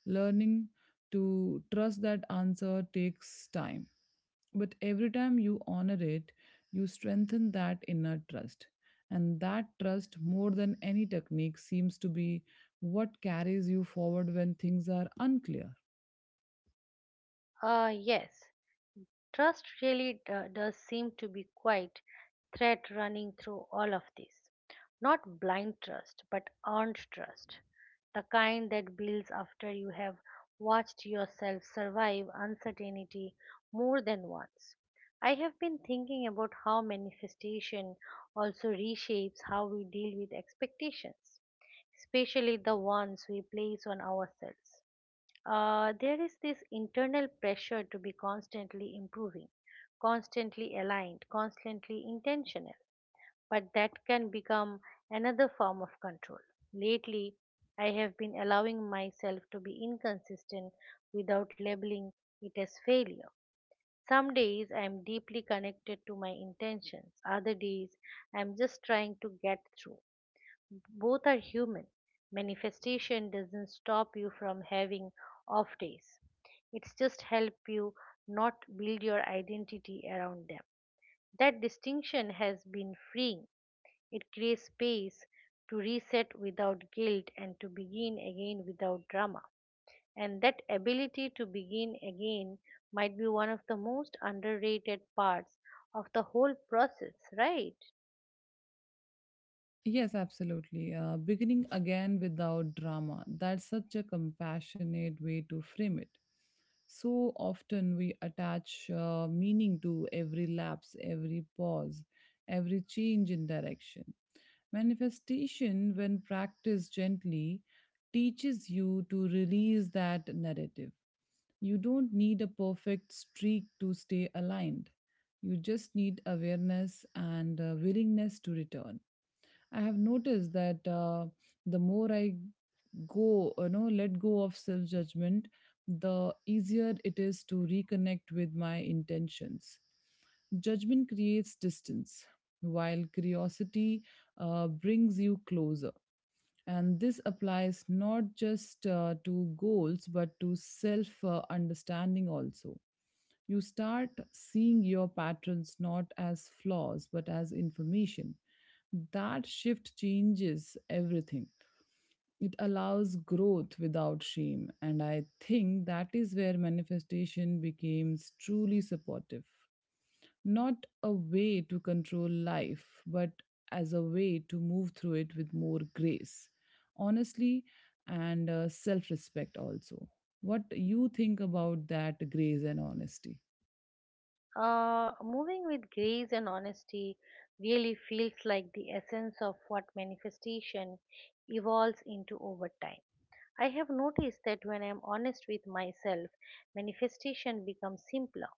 [SPEAKER 2] Learning to trust that answer takes time. But every time you honor it, you strengthen that inner trust. And that trust, more than any technique, seems to be what carries you forward when things are unclear.
[SPEAKER 1] Uh, yes, trust really d- does seem to be quite thread running through all of this. Not blind trust, but earned trust. The kind that builds after you have watched yourself survive uncertainty more than once. I have been thinking about how manifestation also reshapes how we deal with expectations, especially the ones we place on ourselves. Uh, there is this internal pressure to be constantly improving, constantly aligned, constantly intentional. But that can become another form of control. Lately, I have been allowing myself to be inconsistent without labeling it as failure. Some days I am deeply connected to my intentions, other days I am just trying to get through. Both are human. Manifestation doesn't stop you from having off days. It's just help you not build your identity around them. That distinction has been freeing. It creates space to reset without guilt and to begin again without drama. And that ability to begin again might be one of the most underrated parts of the whole process, right?
[SPEAKER 2] Yes, absolutely. Uh, beginning again without drama. That's such a compassionate way to frame it. So often we attach uh, meaning to every lapse, every pause, every change in direction. Manifestation, when practiced gently, teaches you to release that narrative. You don't need a perfect streak to stay aligned. You just need awareness and uh, willingness to return. I have noticed that uh, the more I go, you know, let go of self judgment, the easier it is to reconnect with my intentions. Judgment creates distance, while curiosity uh, brings you closer. And this applies not just uh, to goals but to self uh, understanding also. You start seeing your patterns not as flaws but as information. That shift changes everything. It allows growth without shame. And I think that is where manifestation becomes truly supportive, not a way to control life, but as a way to move through it with more grace, honestly, and uh, self respect also. What you think about that grace and honesty?
[SPEAKER 1] Uh, moving with grace and honesty really feels like the essence of what manifestation evolves into over time. I have noticed that when I am honest with myself, manifestation becomes simpler.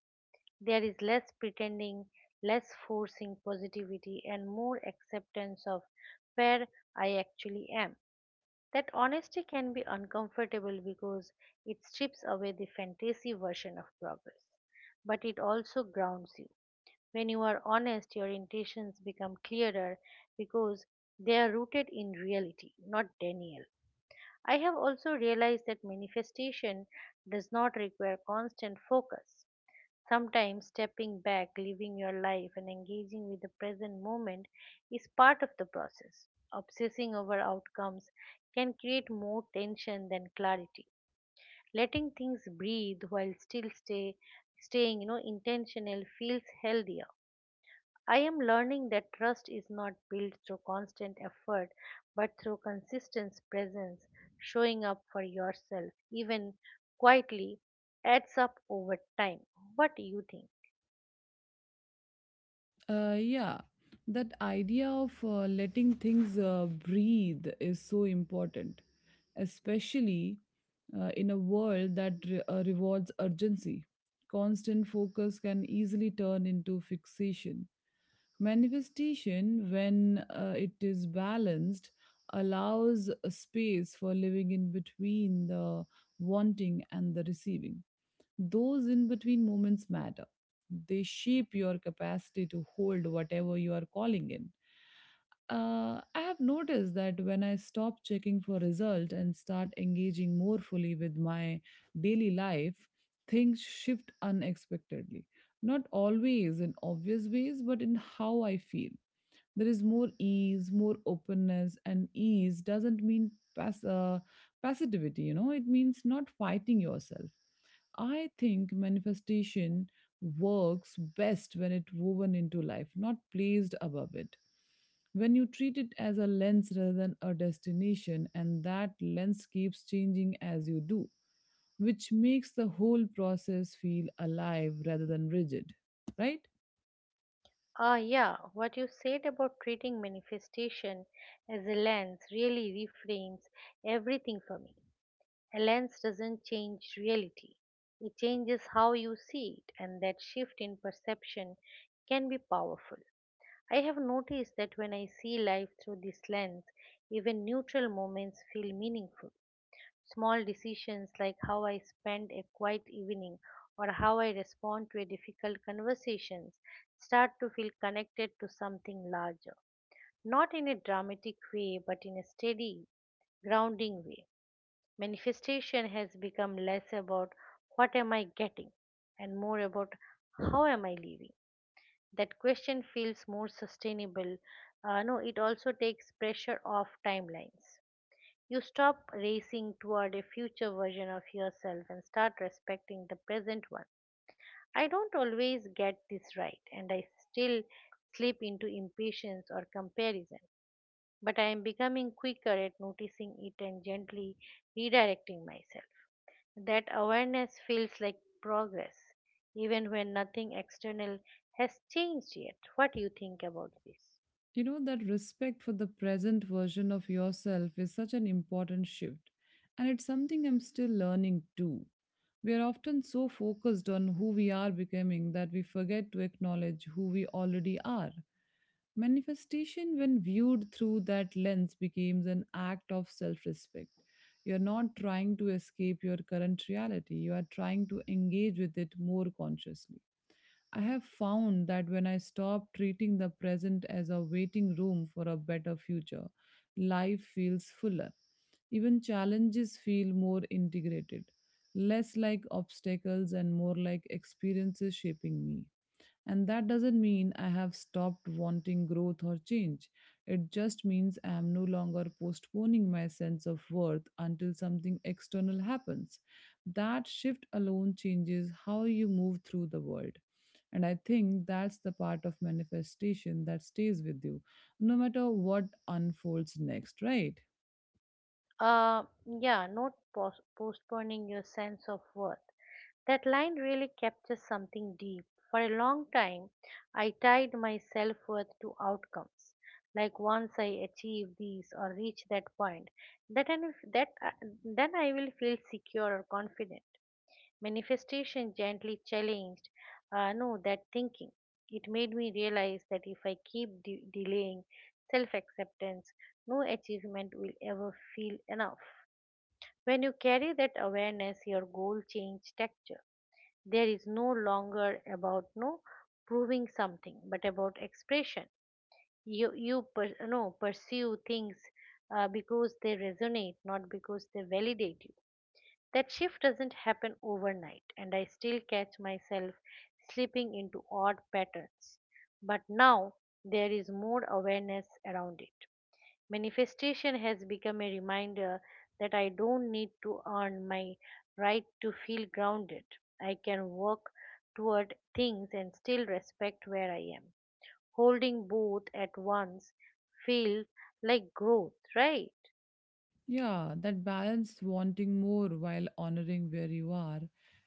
[SPEAKER 1] There is less pretending, less forcing positivity, and more acceptance of where I actually am. That honesty can be uncomfortable because it strips away the fantasy version of progress, but it also grounds you when you are honest, your intentions become clearer because they are rooted in reality, not denial. I have also realized that manifestation does not require constant focus. Sometimes stepping back, living your life, and engaging with the present moment is part of the process. Obsessing over outcomes can create more tension than clarity. Letting things breathe while still stay, staying you know, intentional feels healthier. I am learning that trust is not built through constant effort but through consistent presence, showing up for yourself, even quietly, adds up over time. What do you think?
[SPEAKER 2] Uh, yeah, that idea of uh, letting things uh, breathe is so important, especially uh, in a world that re- uh, rewards urgency. Constant focus can easily turn into fixation. Manifestation, when uh, it is balanced, allows a space for living in between the wanting and the receiving. Those in between moments matter. They shape your capacity to hold whatever you are calling in. Uh, I have noticed that when I stop checking for result and start engaging more fully with my daily life, things shift unexpectedly. Not always in obvious ways, but in how I feel. There is more ease, more openness, and ease doesn't mean pass, uh, passivity, you know, it means not fighting yourself. I think manifestation works best when it's woven into life, not placed above it. When you treat it as a lens rather than a destination, and that lens keeps changing as you do, which makes the whole process feel alive rather than rigid, right?
[SPEAKER 1] Ah, yeah, what you said about treating manifestation as a lens really reframes everything for me. A lens doesn't change reality, it changes how you see it, and that shift in perception can be powerful. I have noticed that when I see life through this lens, even neutral moments feel meaningful. Small decisions like how I spend a quiet evening or how I respond to a difficult conversation start to feel connected to something larger. Not in a dramatic way, but in a steady, grounding way. Manifestation has become less about what am I getting and more about how am I living. That question feels more sustainable. Uh, no, it also takes pressure off timelines. You stop racing toward a future version of yourself and start respecting the present one. I don't always get this right, and I still slip into impatience or comparison, but I am becoming quicker at noticing it and gently redirecting myself. That awareness feels like progress, even when nothing external has changed yet. What do you think about this?
[SPEAKER 2] You know, that respect for the present version of yourself is such an important shift, and it's something I'm still learning too. We are often so focused on who we are becoming that we forget to acknowledge who we already are. Manifestation, when viewed through that lens, becomes an act of self respect. You're not trying to escape your current reality, you are trying to engage with it more consciously. I have found that when I stop treating the present as a waiting room for a better future, life feels fuller. Even challenges feel more integrated, less like obstacles and more like experiences shaping me. And that doesn't mean I have stopped wanting growth or change. It just means I am no longer postponing my sense of worth until something external happens. That shift alone changes how you move through the world. And I think that's the part of manifestation that stays with you, no matter what unfolds next, right?
[SPEAKER 1] Uh, yeah, not pos- postponing your sense of worth. That line really captures something deep. For a long time, I tied my self worth to outcomes. Like once I achieve these or reach that point, that I, that I- then I will feel secure or confident. Manifestation gently challenged uh, no that thinking. It made me realize that if I keep de- delaying self acceptance, no achievement will ever feel enough. When you carry that awareness, your goal change texture. There is no longer about no proving something, but about expression. You you per, no pursue things uh, because they resonate, not because they validate you. That shift doesn't happen overnight, and I still catch myself slipping into odd patterns. But now there is more awareness around it. Manifestation has become a reminder that I don't need to earn my right to feel grounded. I can work toward things and still respect where I am. Holding both at once feels like growth, right?
[SPEAKER 2] Yeah, that balance, wanting more while honoring where you are,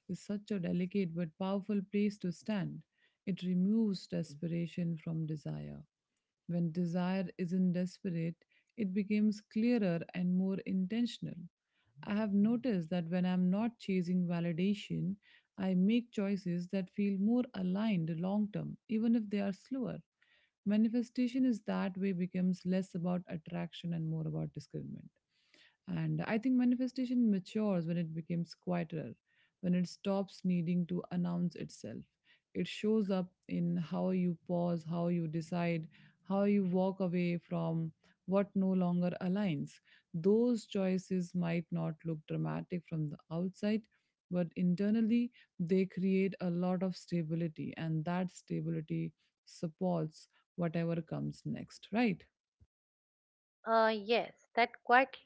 [SPEAKER 2] is such a delicate but powerful place to stand. It removes desperation from desire. When desire isn't desperate, it becomes clearer and more intentional. I have noticed that when I'm not chasing validation, I make choices that feel more aligned long term, even if they are slower. Manifestation is that way becomes less about attraction and more about discernment. And I think manifestation matures when it becomes quieter, when it stops needing to announce itself. It shows up in how you pause, how you decide, how you walk away from what no longer aligns. Those choices might not look dramatic from the outside, but internally they create a lot of stability, and that stability supports whatever comes next, right?
[SPEAKER 1] Uh, yes, that quiet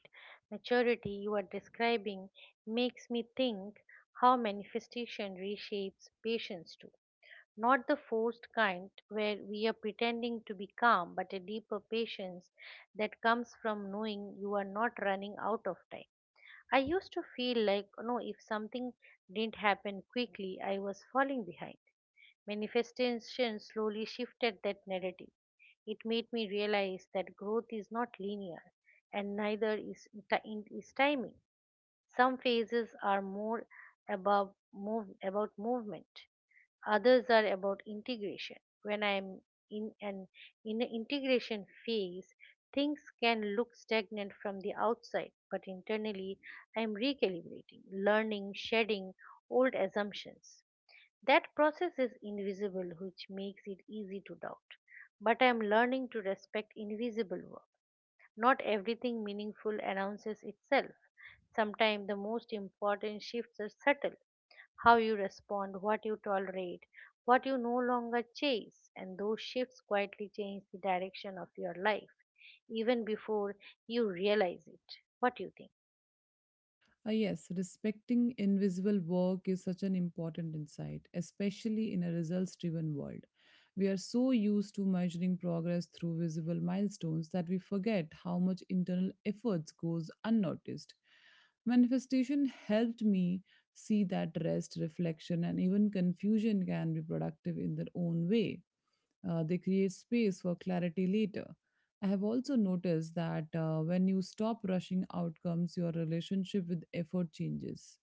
[SPEAKER 1] maturity you are describing makes me think how manifestation reshapes patience too. Not the forced kind where we are pretending to be calm, but a deeper patience that comes from knowing you are not running out of time. I used to feel like, no, if something didn't happen quickly, I was falling behind. Manifestation slowly shifted that narrative. It made me realize that growth is not linear and neither is, ti- is timing. Some phases are more above move, about movement, others are about integration. When I am in an in integration phase, things can look stagnant from the outside, but internally I am recalibrating, learning, shedding old assumptions. That process is invisible, which makes it easy to doubt. But I am learning to respect invisible work. Not everything meaningful announces itself. Sometimes the most important shifts are subtle how you respond, what you tolerate, what you no longer chase, and those shifts quietly change the direction of your life, even before you realize it. What do you think?
[SPEAKER 2] Uh, yes, respecting invisible work is such an important insight, especially in a results driven world. We are so used to measuring progress through visible milestones that we forget how much internal efforts goes unnoticed. Manifestation helped me see that rest, reflection, and even confusion can be productive in their own way. Uh, they create space for clarity later. I have also noticed that uh, when you stop rushing outcomes, your relationship with effort changes.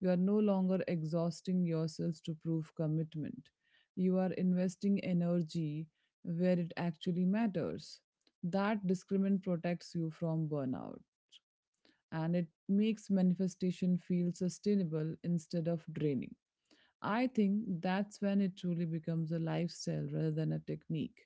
[SPEAKER 2] You are no longer exhausting yourselves to prove commitment. You are investing energy where it actually matters. That discriminant protects you from burnout and it makes manifestation feel sustainable instead of draining. I think that's when it truly becomes a lifestyle rather than a technique.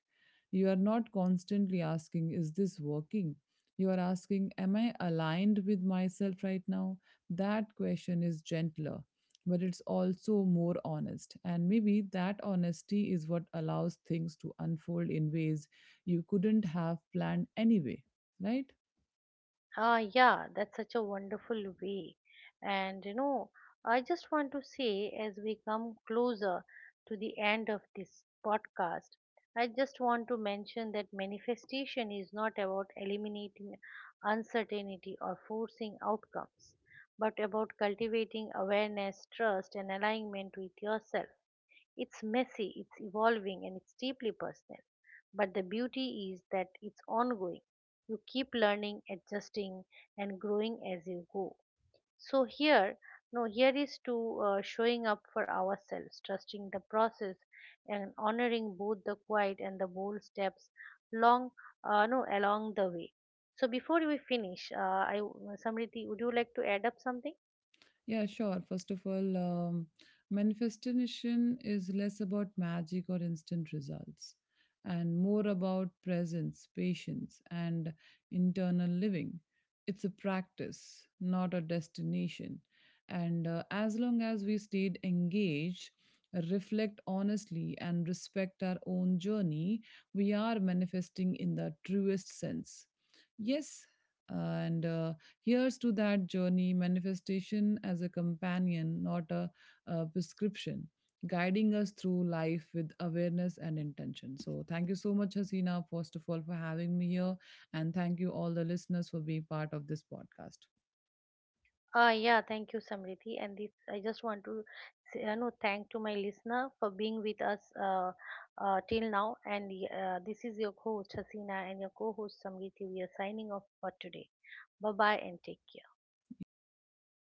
[SPEAKER 2] You are not constantly asking, "Is this working?" You are asking, "Am I aligned with myself right now?" That question is gentler, but it's also more honest. And maybe that honesty is what allows things to unfold in ways you couldn't have planned anyway, right?
[SPEAKER 1] Ah, yeah, that's such a wonderful way. And you know, I just want to say as we come closer to the end of this podcast, I just want to mention that manifestation is not about eliminating uncertainty or forcing outcomes, but about cultivating awareness, trust, and alignment with yourself. It's messy, it's evolving, and it's deeply personal. But the beauty is that it's ongoing you keep learning adjusting and growing as you go so here no here is to uh, showing up for ourselves trusting the process and honoring both the quiet and the bold steps long uh, no along the way. So before we finish uh, I, samriti would you like to add up something?
[SPEAKER 2] Yeah, sure. First of all, um, manifestation is less about magic or instant results and more about presence, patience, and internal living. It's a practice, not a destination. And uh, as long as we stayed engaged, reflect honestly, and respect our own journey, we are manifesting in the truest sense. Yes, and uh, Here's to that journey, manifestation as a companion, not a, uh prescription, guiding us through life with awareness and intention. So, thank you so much, Hasina, first of all, for having me here. And thank you, all the listeners, for being part of this podcast.
[SPEAKER 1] Ah yeah, thank you, Samriddhi. And this, I just want to say, you know, thank to my listener for being with us uh, uh, till now. And y- uh, this is your host, Hasina, and your co-host, Samriddhi. We are signing off for today. Bye-bye and take care.
[SPEAKER 2] Yeah.